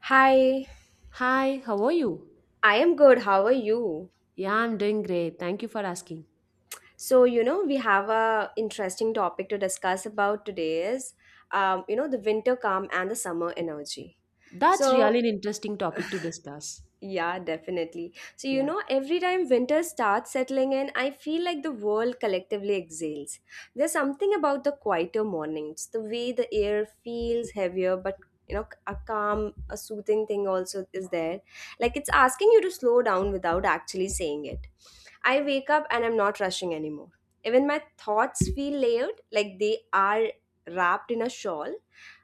Hi, Hi, how are you? I am good. How are you? Yeah, I'm doing great. Thank you for asking. So, you know, we have a interesting topic to discuss about today is, you know, the winter calm and the summer energy. That's So, really an interesting topic to discuss. yeah, definitely. So, you Yeah. know, every time winter starts settling in, I feel like the world collectively exhales. There's something about the quieter mornings, the way the air feels heavier, but you know, a calm, a soothing thing also is there. Like it's asking you to slow down without actually saying it. I wake up and I'm not rushing anymore. Even my thoughts feel layered, like they are wrapped in a shawl.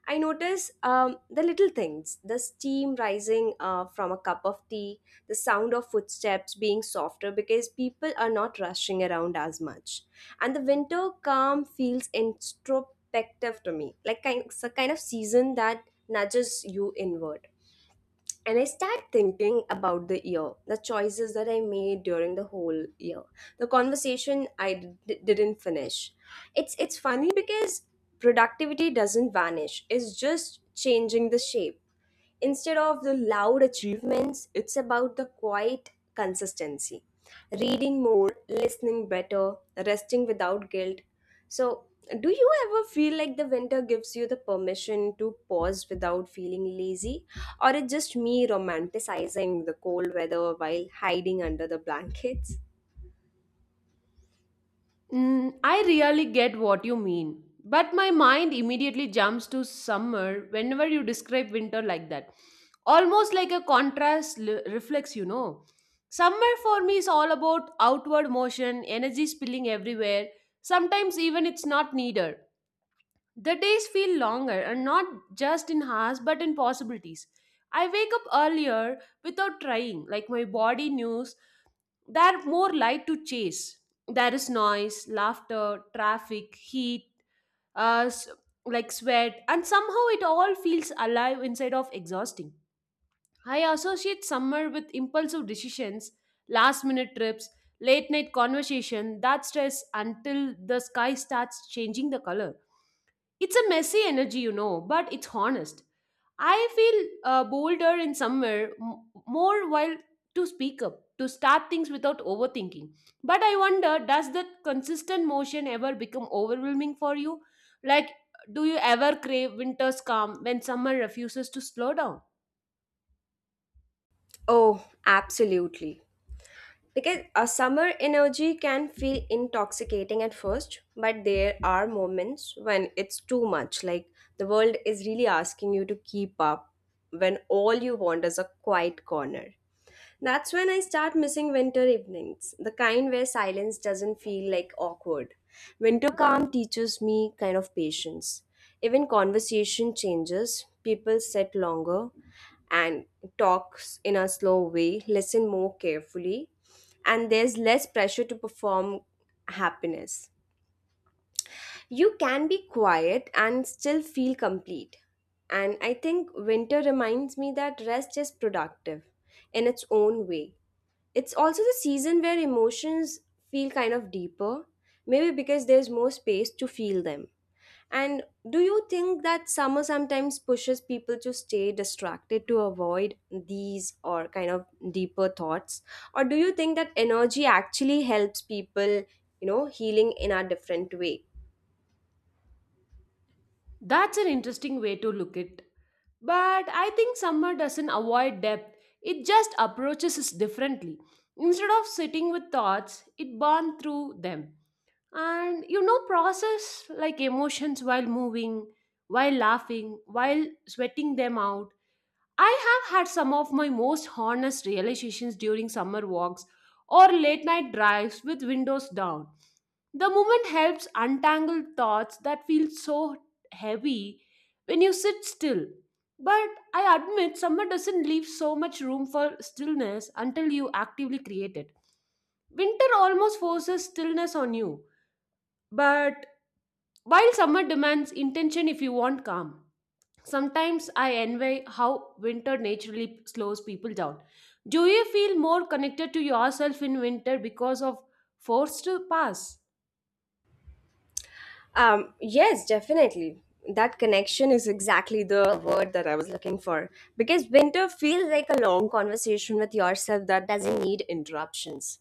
I notice the little things, the steam rising from a cup of tea, the sound of footsteps being softer because people are not rushing around as much. And the winter calm feels introspective to me, like kind, it's a kind of season that nudges you inward, and I start thinking about the year, the choices that I made during the whole year, the conversation didn't finish. It's funny because productivity doesn't vanish; it's just changing the shape. Instead of the loud achievements, it's about the quiet consistency, reading more, listening better, resting without guilt. So, do you ever feel like the winter gives you the permission to pause without feeling lazy? Or it's just me romanticizing the cold weather while hiding under the blankets? Mm, I really get what you mean, but my mind immediately jumps to summer whenever you describe winter like that. Almost like a contrast reflex, you know. Summer for me is all about outward motion, energy spilling everywhere. Sometimes even it's not needed. The days feel longer and not just in hours but in possibilities. I wake up earlier without trying, like my body knows there are more light to chase. There is noise, laughter, traffic, heat, uh, s- like sweat, and somehow it all feels alive inside of exhausting. I associate summer with impulsive decisions, last minute trips, late night conversation that stress until the sky starts changing the color. It's a messy energy, you know, but it's honest. I feel bolder in somewhere more while to speak up, to start things without overthinking. But I wonder, does that consistent motion ever become overwhelming for you? Like, do you ever crave winter's calm when summer refuses to slow down? Oh, absolutely. Because a summer energy can feel intoxicating at first, but there are moments when it's too much. Like the world is really asking you to keep up when all you want is a quiet corner. That's when I start missing winter evenings, the kind where silence doesn't feel like awkward. Winter calm teaches me kind of patience. Even conversation changes, people sit longer, and talks in a slow way, listen more carefully, and there's less pressure to perform happiness. You can be quiet and still feel complete. And I think winter reminds me that rest is productive in its own way. It's also the season where emotions feel kind of deeper, maybe because there's more space to feel them. And do you think that summer sometimes pushes people to stay distracted to avoid these or kind of deeper thoughts? Or do you think that energy actually helps people, you know, healing in a different way? That's an interesting way to look at, but I think summer doesn't avoid depth, it just approaches us differently. Instead of sitting with thoughts, it burns through them. And you know process like emotions while moving, while laughing, while sweating them out. I have had some of my most honest realizations during summer walks or late night drives with windows down. The movement helps untangle thoughts that feel so heavy when you sit still. But I admit summer doesn't leave so much room for stillness until you actively create it. Winter almost forces stillness on you, but while summer demands intention if you want calm, sometimes I envy how winter naturally slows people down. Do you feel more connected to yourself in winter because of forced to pass? Yes, definitely. That connection is exactly the word that I was looking for. Because winter feels like a long conversation with yourself that doesn't need interruptions.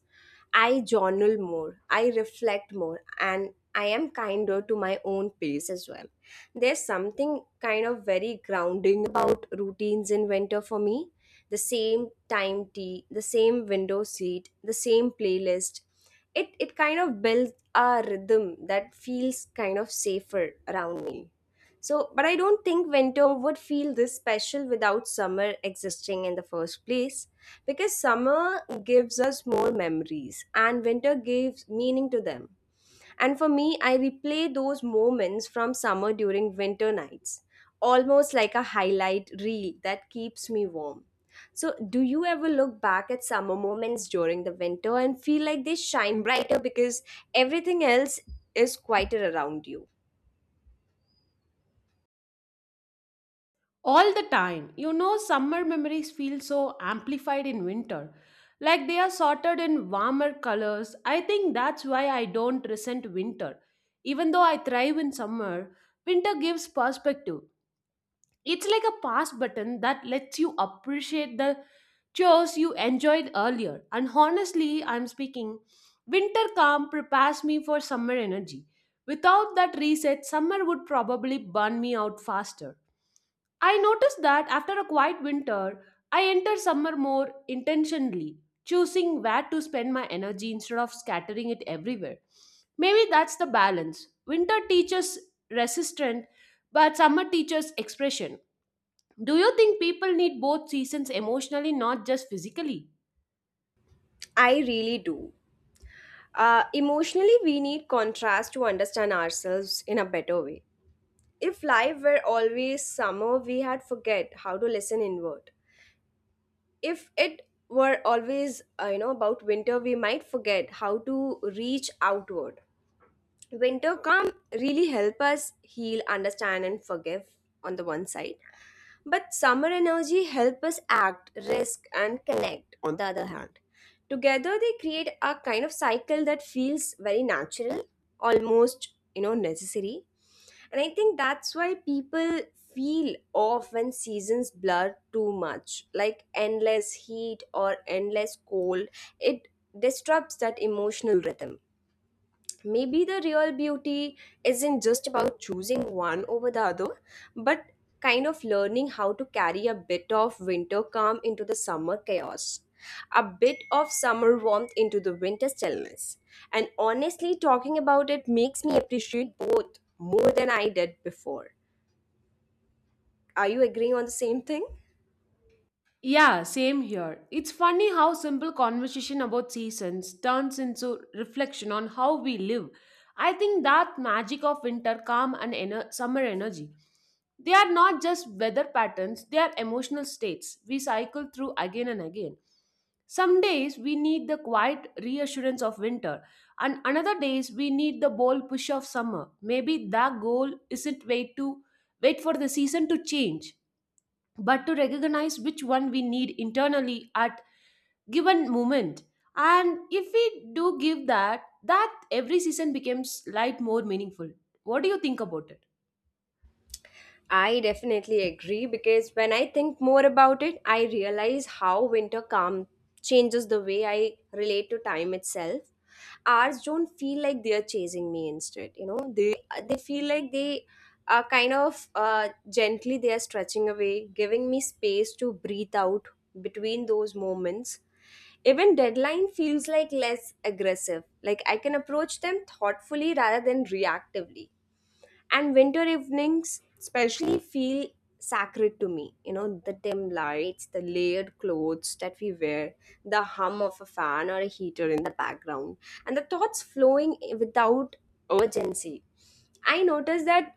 I journal more, I reflect more, and I am kinder to my own pace as well. There's something kind of very grounding about routines in winter for me. The same time tea, the same window seat, the same playlist. It kind of builds a rhythm that feels kind of safer around me. So, but I don't think winter would feel this special without summer existing in the first place, because summer gives us more memories and winter gives meaning to them. And for me, I replay those moments from summer during winter nights, almost like a highlight reel that keeps me warm. So, do you ever look back at summer moments during the winter and feel like they shine brighter because everything else is quieter around you? All the time. You know, summer memories feel so amplified in winter. Like they are sorted in warmer colors. I think that's why I don't resent winter. Even though I thrive in summer, winter gives perspective. It's like a pause button that lets you appreciate the chores you enjoyed earlier. And honestly, I'm speaking, winter calm prepares me for summer energy. Without that reset, summer would probably burn me out faster. I noticed that after a quiet winter, I enter summer more intentionally, choosing where to spend my energy instead of scattering it everywhere. Maybe that's the balance. Winter teaches resistance, but summer teaches expression. Do you think people need both seasons emotionally, not just physically? I really do. Emotionally, we need contrast to understand ourselves in a better way. If life were always summer, we had forget how to listen inward. If it were always, you know, about winter, we might forget how to reach outward. Winter calm really help us heal, understand, and forgive on the one side. But summer energy help us act, risk, and connect, on the other hand. Together they create a kind of cycle that feels very natural, almost you know necessary. And I think that's why people feel off when seasons blur too much. Like endless heat or endless cold, it disrupts that emotional rhythm. Maybe the real beauty isn't just about choosing one over the other, but kind of learning how to carry a bit of winter calm into the summer chaos, a bit of summer warmth into the winter stillness. And honestly, talking about it makes me appreciate both more than I did before. Are you agreeing on the same thing? Yeah, same here. It's funny how simple conversation about seasons turns into reflection on how we live. I think that magic of winter calm and summer energy. They are not just weather patterns, they are emotional states we cycle through again and again. Some days we need the quiet reassurance of winter, and another days we need the bold push of summer. Maybe the goal isn't wait to wait for the season to change, but to recognize which one we need internally at given moment. And if we do give that, that every season becomes light more meaningful. What do you think about it? I definitely agree because when I think more about it, I realize how winter calm changes the way I relate to time itself. Ours don't feel like they're chasing me instead, you know, they feel like they are kind of gently they are stretching away, giving me space to breathe out between those moments. Even deadline feels like less aggressive, like I can approach them thoughtfully rather than reactively, and winter evenings especially feel sacred to me, you know, the dim lights, the layered clothes that we wear, the hum of a fan or a heater in the background, and the thoughts flowing without urgency. I notice that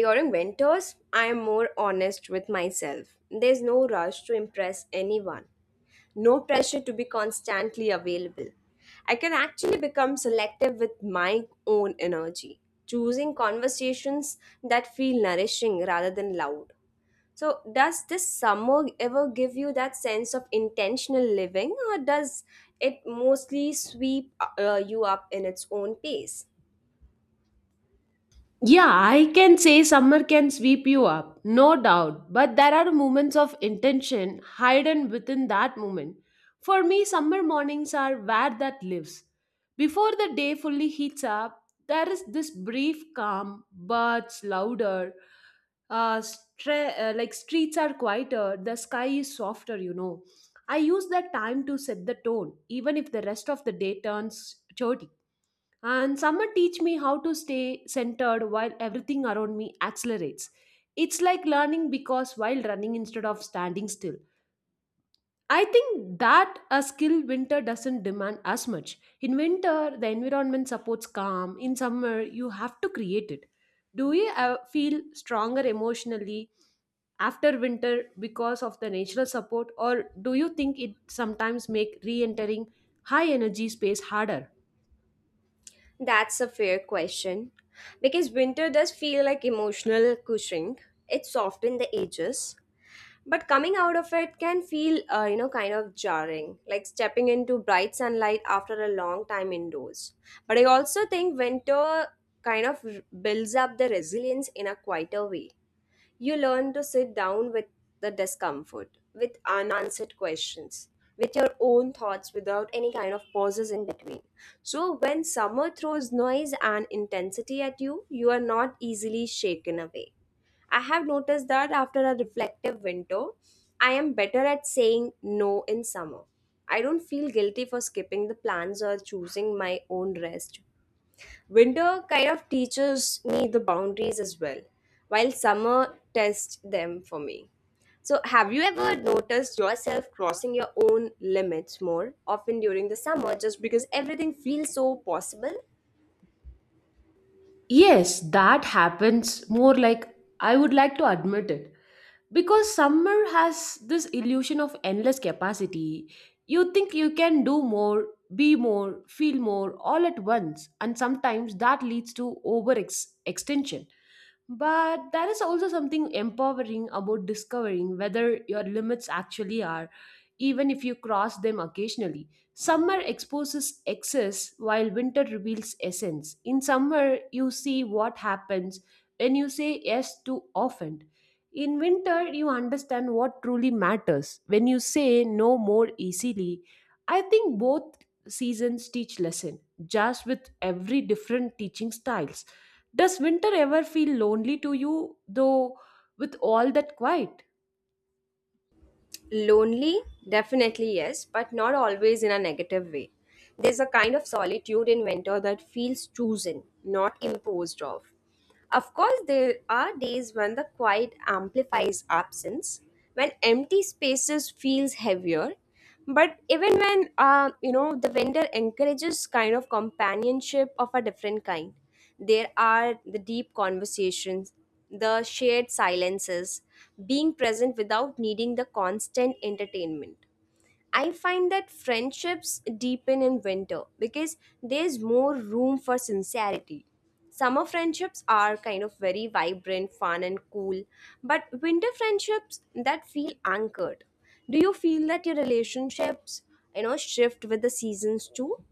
during winters I am more honest with myself. There's no rush to impress anyone, no pressure to be constantly available. I can actually become selective with my own energy, choosing conversations that feel nourishing rather than loud. So, does this summer ever give you that sense of intentional living, or does it mostly sweep you up in its own pace? Yeah, I can say summer can sweep you up, no doubt, but there are moments of intention hidden within that moment. For me, summer mornings are where that lives. Before the day fully heats up, there is this brief calm, birds louder, like streets are quieter, the sky is softer, you know. I use that time to set the tone, even if the rest of the day turns dirty. And summer teach me how to stay centered while everything around me accelerates. It's like learning because while running instead of standing still. I think that a skill winter doesn't demand as much. In winter, the environment supports calm. In summer, you have to create it. Do you feel stronger emotionally after winter because of the natural support, or do you think it sometimes make re-entering high energy space harder? That's a fair question because winter does feel like emotional cushioning. It softens the edges, but coming out of it can feel you know, kind of jarring, like stepping into bright sunlight after a long time indoors. But I also think winter kind of builds up the resilience in a quieter way. You learn to sit down with the discomfort, with unanswered questions, with your own thoughts without any kind of pauses in between. So, when summer throws noise and intensity at you, you are not easily shaken away. I have noticed that after a reflective winter, I am better at saying no in summer. I don't feel guilty for skipping the plans or choosing my own rest. Winter kind of teaches me the boundaries as well, while summer tests them for me. So, have you ever noticed yourself crossing your own limits more often during the summer just because everything feels so possible? Yes, that happens more like I would like to admit it. Because summer has this illusion of endless capacity. You think you can do more, be more, feel more all at once, and sometimes that leads to over extension. But there is also something empowering about discovering whether your limits actually are, even if you cross them occasionally. Summer exposes excess while winter reveals essence. In summer, you see what happens when you say yes too often. In winter, you understand what truly matters when you say no more easily. I think both seasons teach lesson, just with every different teaching styles. Does winter ever feel lonely to you, though, with all that quiet? Lonely? Definitely yes, but not always in a negative way. There's a kind of solitude in winter that feels chosen, not imposed of. Of course, there are days when the quiet amplifies absence, when empty spaces feels heavier, but even when you know, the vendor encourages kind of companionship of a different kind. There are the deep conversations, the shared silences, being present without needing the constant entertainment. I find that friendships deepen in winter because there's more room for sincerity. Summer friendships are kind of very vibrant, fun, and cool, but winter friendships that feel anchored. Do you feel that your relationships, you know, shift with the seasons too?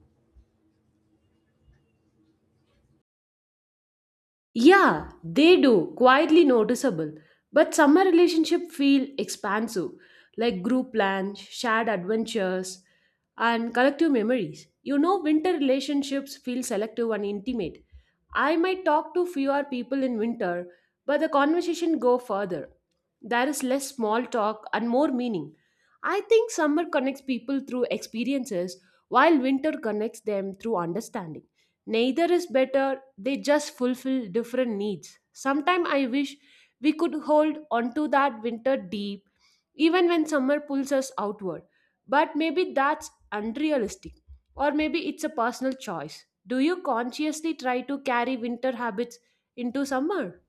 Yeah, they do, quietly noticeable. But summer relationship feel expansive, like group plans, shared adventures, and collective memories. You know, winter relationships feel selective and intimate. I might talk to fewer people in winter, but the conversation go further. There is less small talk and more meaning. I think summer connects people through experiences, while winter connects them through understanding. Neither is better, they just fulfill different needs. Sometimes I wish we could hold onto that winter deep, even when summer pulls us outward. But maybe that's unrealistic, or maybe it's a personal choice. Do you consciously try to carry winter habits into summer?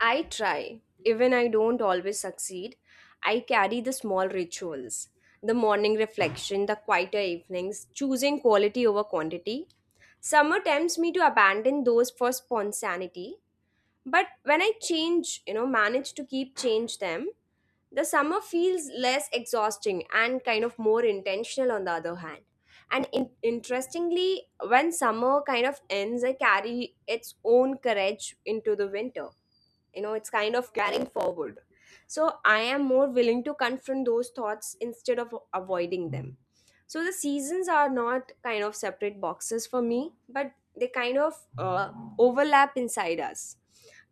I try. Even I don't always succeed, I carry the small rituals, the morning reflection, the quieter evenings, choosing quality over quantity. Summer tempts me to abandon those for spontaneity, but when I change, you know, manage to keep change them, the summer feels less exhausting and kind of more intentional on the other hand. And interestingly, when summer kind of ends, I carry its own courage into the winter. You know, it's kind of carrying forward. So I am more willing to confront those thoughts instead of avoiding them. So the seasons are not kind of separate boxes for me, but they kind of overlap inside us.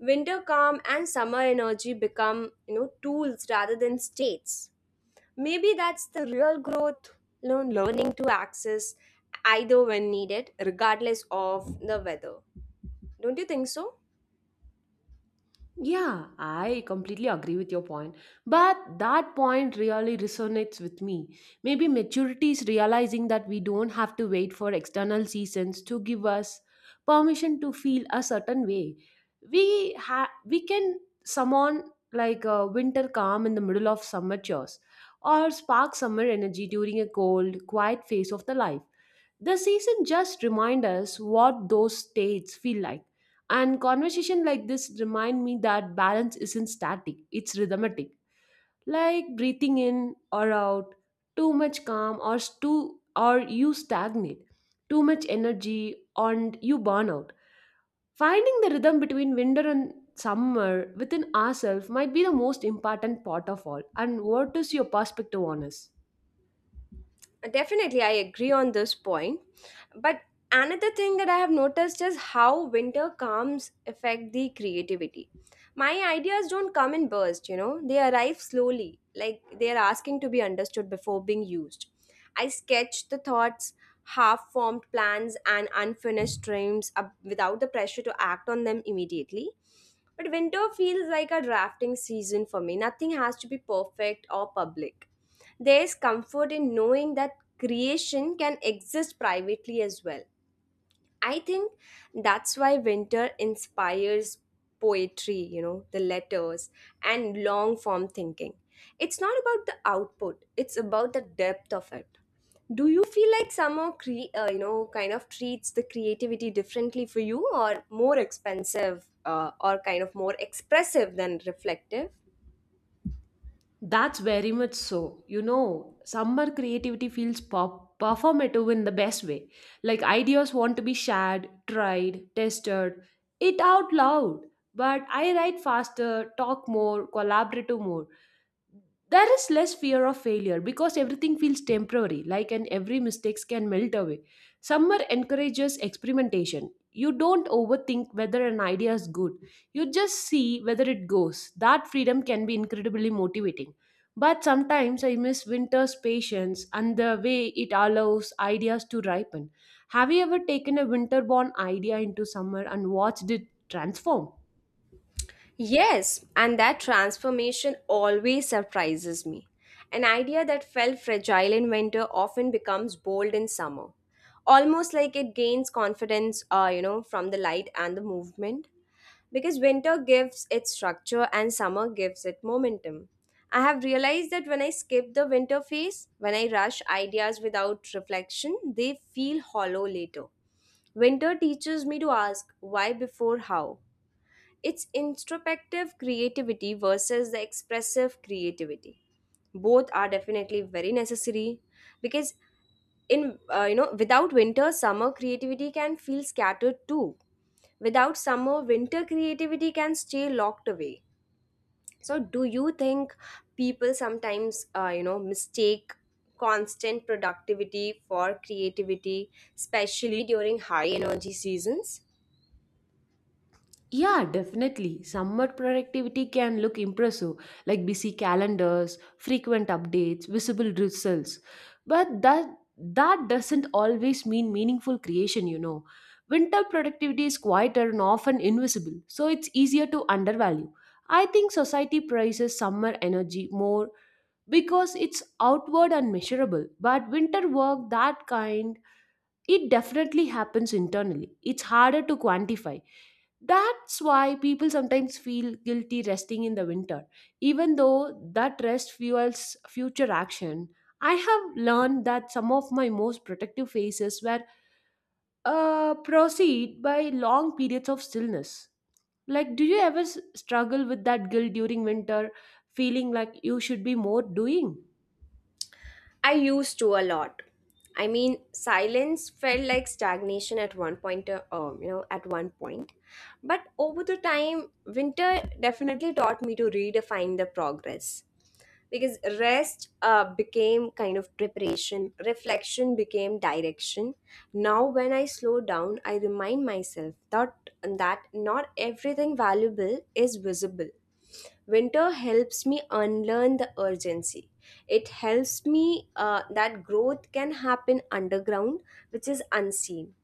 Winter calm and summer energy become, you know, tools rather than states. Maybe that's the real growth, you know, learning to access either when needed, regardless of the weather. Don't you think so? Yeah, I completely agree with your point. But that point really resonates with me. Maybe maturity is realizing that we don't have to wait for external seasons to give us permission to feel a certain way. We can summon like a winter calm in the middle of summer chores or spark summer energy during a cold, quiet phase of the life. The season just remind us what those states feel like. And conversation like this remind me that balance isn't static, it's rhythmic. Like breathing in or out, too much calm or too or you stagnate, too much energy and you burn out. Finding the rhythm between winter and summer within ourselves might be the most important part of all. And what is your perspective on us? Definitely, I agree on this point. But another thing that I have noticed is how winter calms affect the creativity. My ideas don't come in bursts, you know, they arrive slowly, like they are asking to be understood before being used. I sketch the thoughts, half formed plans, and unfinished dreams up without the pressure to act on them immediately. But winter feels like a drafting season for me. Nothing has to be perfect or public. There is comfort in knowing that creation can exist privately as well. I think that's why winter inspires poetry, you know, the letters and long form thinking. It's not about the output, it's about the depth of it. Do you feel like summer, you know, kind of treats the creativity differently for you, or more expensive or kind of more expressive than reflective? That's very much so. You know, summer creativity feels performative in the best way. Like ideas want to be shared, tried, tested, it out loud. But I write faster, talk more, collaborative more. There is less fear of failure because everything feels temporary like and every mistakes can melt away. Summer encourages experimentation, you don't overthink whether an idea is good, you just see whether it goes. That freedom can be incredibly motivating, but sometimes I miss winter's patience and the way it allows ideas to ripen. Have you ever taken a winter born idea into summer and watched it transform? Yes, and that transformation always surprises me. An idea that felt fragile in winter often becomes bold in summer, almost like it gains confidence, you know, from the light and the movement. Because winter gives it structure and summer gives it momentum. I have realized that when I skip the winter phase, when I rush ideas without reflection, they feel hollow later. Winter teaches me to ask why before how. It's introspective creativity versus the expressive creativity. Both are definitely very necessary, because in you know without winter, summer creativity can feel scattered too. Without summer, winter creativity can stay locked away. So do you think people sometimes mistake constant productivity for creativity, especially during high energy seasons? Yeah, definitely. Summer productivity can look impressive, like busy calendars, frequent updates, visible results. But that doesn't always mean meaningful creation, you know. Winter productivity is quieter and often invisible, so it's easier to undervalue. I think society prizes summer energy more because it's outward and measurable, but winter work that kind, it definitely happens internally. It's harder to quantify. That's why people sometimes feel guilty resting in the winter, even though that rest fuels future action. I have learned that some of my most protective phases were proceed by long periods of stillness. Like, do you ever struggle with that guilt during winter, feeling like you should be more doing? I used to a lot. I mean, silence felt like stagnation at one point, at one point. But over the time, winter definitely taught me to redefine the progress, because rest became kind of preparation, reflection became direction. Now, when I slow down, I remind myself that not everything valuable is visible. Winter helps me unlearn the urgency. It helps me that growth can happen underground, which is unseen.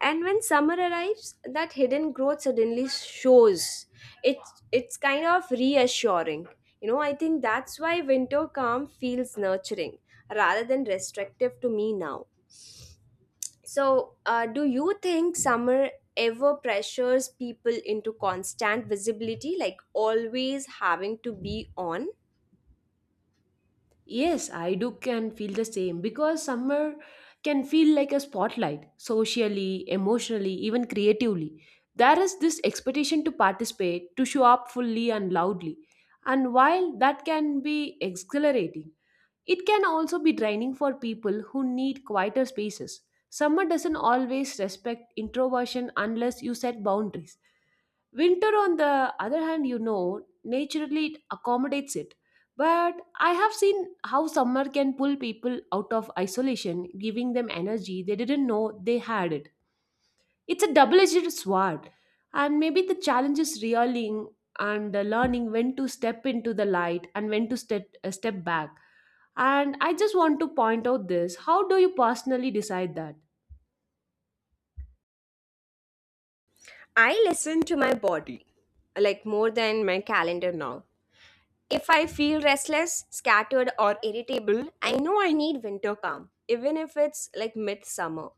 And when summer arrives, that hidden growth suddenly shows. It it's kind of reassuring. You know, I think that's why winter calm feels nurturing rather than restrictive to me now. So, do you think summer ever pressures people into constant visibility, like always having to be on? Yes, I do can feel the same because summer can feel like a spotlight socially, emotionally, even creatively. There is this expectation to participate, to show up fully and loudly. And while that can be exhilarating, it can also be draining for people who need quieter spaces. Summer doesn't always respect introversion unless you set boundaries. Winter, on the other hand, you know, naturally it accommodates it. But I have seen how summer can pull people out of isolation, giving them energy they didn't know they had it. It's a double edged sword. And maybe the challenge is realizing and learning when to step into the light and when to step back. And I just want to point out this. How do you personally decide that? I listen to my body, like more than my calendar now. If I feel restless, scattered, or irritable, I know I need winter calm, even if it's like midsummer.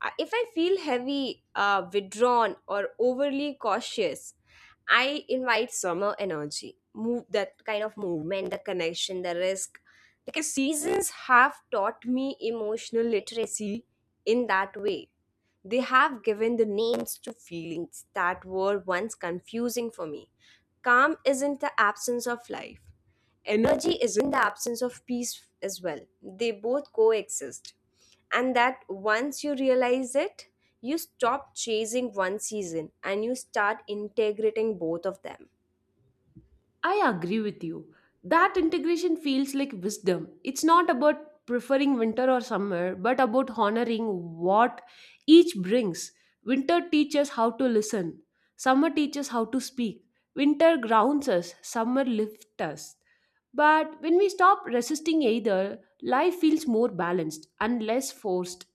If I feel heavy, withdrawn, or overly cautious, I invite summer energy, move that kind of movement, the connection, the risk. Because seasons have taught me emotional literacy in that way. They have given the names to feelings that were once confusing for me. Calm isn't the absence of life, energy isn't the absence of peace as well. They both coexist. And that once you realize it, you stop chasing one season and you start integrating both of them. I agree with you. That integration feels like wisdom. It's not about preferring winter or summer, but about honoring what each brings. Winter teaches how to listen, summer teaches how to speak. Winter grounds us, summer lifts us. But when we stop resisting either, life feels more balanced and less forced.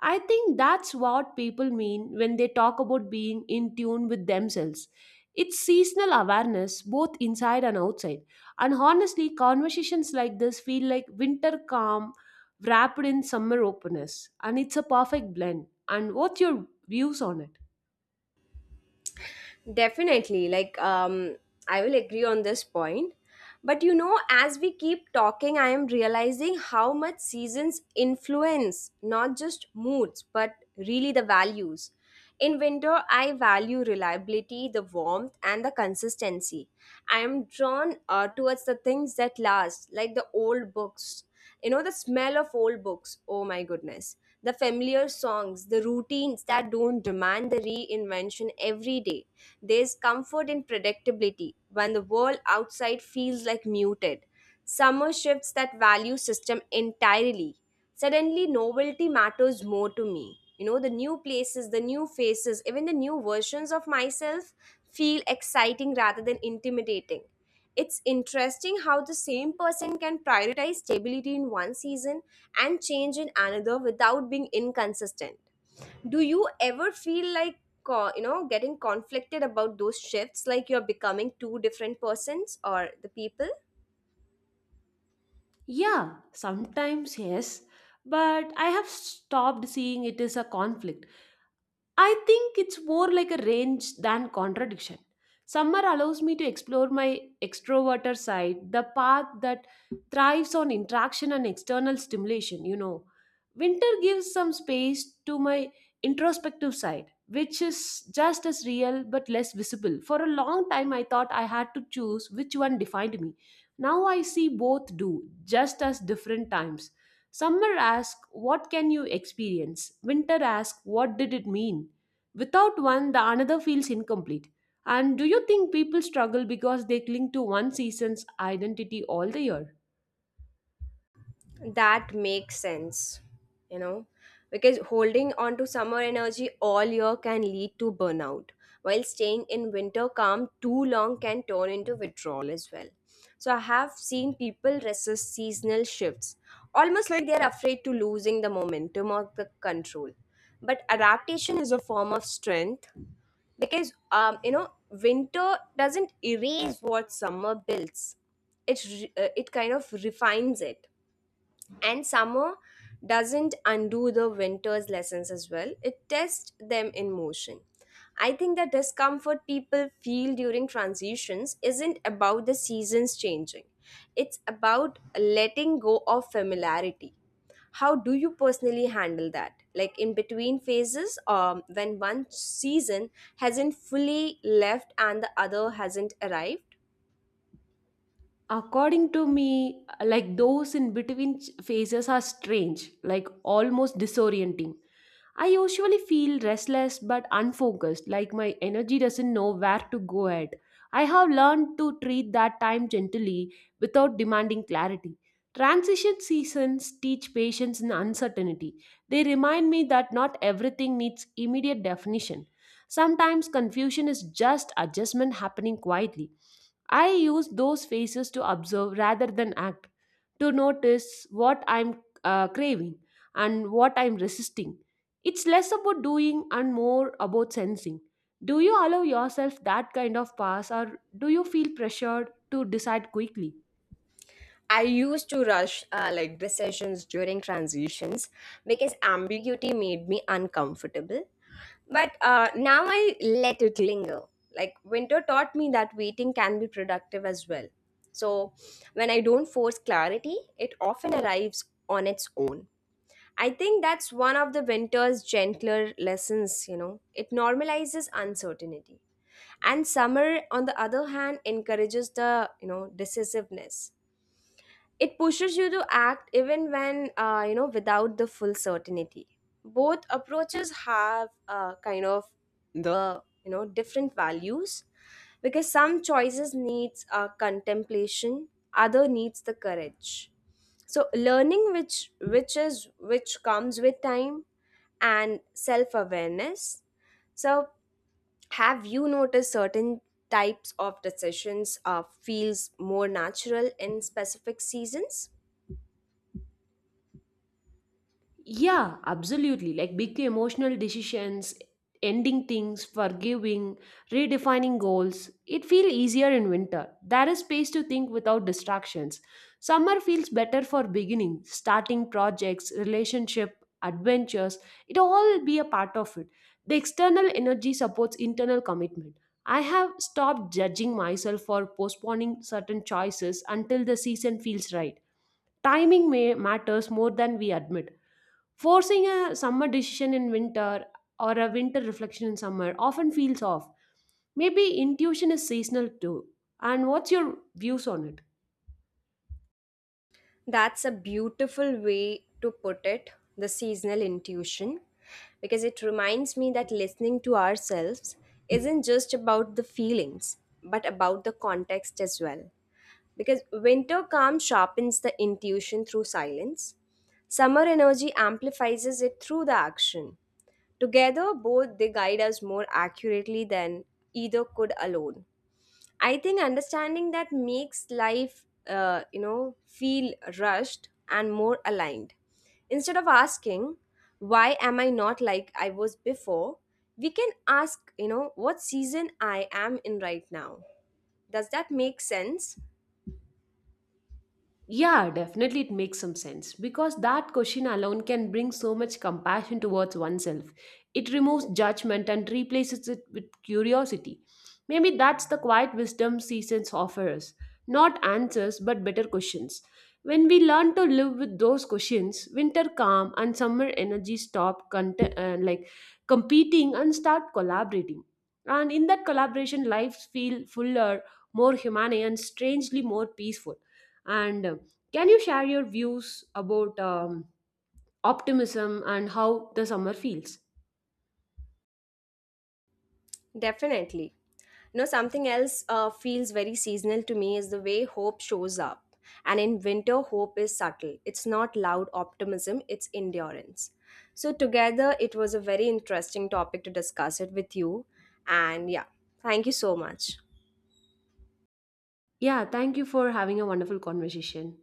I think that's what people mean when they talk about being in tune with themselves. It's seasonal awareness, both inside and outside. And honestly, conversations like this feel like winter calm wrapped in summer openness. And it's a perfect blend. And what's your views on it? Definitely. I will agree on this point. But you know, as we keep talking, I am realizing how much seasons influence not just moods, but really the values. In winter, I value reliability, the warmth, and the consistency. I am drawn towards the things that last, like the old books. You know, the smell of old books, oh my goodness. The familiar songs, the routines that don't demand the reinvention every day. There's comfort in predictability when the world outside feels like muted. Summer shifts that value system entirely. Suddenly, novelty matters more to me. You know, the new places, the new faces, even the new versions of myself feel exciting rather than intimidating. It's interesting how the same person can prioritize stability in one season and change in another without being inconsistent. Do you ever feel like getting conflicted about those shifts, like you're becoming two different persons or the people? Yeah, sometimes yes, but I have stopped seeing it as a conflict. I think it's more like a range than contradiction. Summer allows me to explore my extroverted side, the path that thrives on interaction and external stimulation, you know. Winter gives some space to my introspective side, which is just as real but less visible. For a long time, I thought I had to choose which one defined me. Now I see both do, just as different times. Summer asks, "What can you experience?" Winter asks, "What did it mean?" Without one, the another feels incomplete. And do you think people struggle because they cling to one season's identity all the year? That makes sense, you know, because holding on to summer energy all year can lead to burnout, while staying in winter calm too long can turn into withdrawal as well. So I have seen people resist seasonal shifts, almost like they're afraid to losing the momentum or the control. But adaptation is a form of strength, because winter doesn't erase what summer builds. It kind of refines it. And summer doesn't undo the winter's lessons as well, it tests them in motion. I think the discomfort people feel during transitions isn't about the seasons changing, it's about letting go of familiarity. How do you personally handle that? Like in between phases, when one season hasn't fully left and the other hasn't arrived? According to me, like those in between phases are strange, like almost disorienting. I usually feel restless but unfocused, like my energy doesn't know where to go at. I have learned to treat that time gently without demanding clarity. Transition seasons teach patience and uncertainty. They remind me that not everything needs immediate definition. Sometimes confusion is just adjustment happening quietly. I use those phases to observe rather than act, to notice what I'm craving and what I'm resisting. It's less about doing and more about sensing. Do you allow yourself that kind of pass or do you feel pressured to decide quickly? I used to rush like decisions during transitions because ambiguity made me uncomfortable. But now I let it linger. Like winter taught me that waiting can be productive as well. So when I don't force clarity, it often arrives on its own. I think that's one of the winter's gentler lessons, you know. It normalizes uncertainty. And summer, on the other hand, encourages the, decisiveness. It pushes you to act even when without the full certainty. Both approaches have kind of the different values, because some choices needs contemplation, other needs the courage. So learning which is which comes with time and self awareness. So have you noticed certain types of decisions feels more natural in specific seasons? Yeah, absolutely. Like big emotional decisions, ending things, forgiving, redefining goals. It feels easier in winter. There is space to think without distractions. Summer feels better for beginning, starting projects, relationship, adventures. It all be a part of it. The external energy supports internal commitment. I have stopped judging myself for postponing certain choices until the season feels right. Timing may matters more than we admit. Forcing a summer decision in winter or a winter reflection in summer often feels off. Maybe intuition is seasonal too. And what's your views on it? That's a beautiful way to put it, the seasonal intuition, because it reminds me that listening to ourselves isn't just about the feelings, but about the context as well. Because winter calm sharpens the intuition through silence, summer energy amplifies it through the action. Together, both they guide us more accurately than either could alone. I think understanding that makes life, feel rushed and more aligned. Instead of asking, why am I not like I was before, we can ask, you know, what season I am in right now. Does that make sense? Yeah, definitely it makes some sense because that question alone can bring so much compassion towards oneself. It removes judgment and replaces it with curiosity. Maybe that's the quiet wisdom seasons offers not answers but better questions. When we learn to live with those questions, winter calm and summer energy stop like competing and start collaborating. And in that collaboration, lives feel fuller, more humane, and strangely more peaceful. And can you share your views about optimism and how the summer feels? Definitely. You know, something else feels very seasonal to me is the way hope shows up. And in winter, hope is subtle. It's not loud optimism, it's endurance. So, together, it was a very interesting topic to discuss it with you. And yeah, thank you so much. Yeah, thank you for having a wonderful conversation.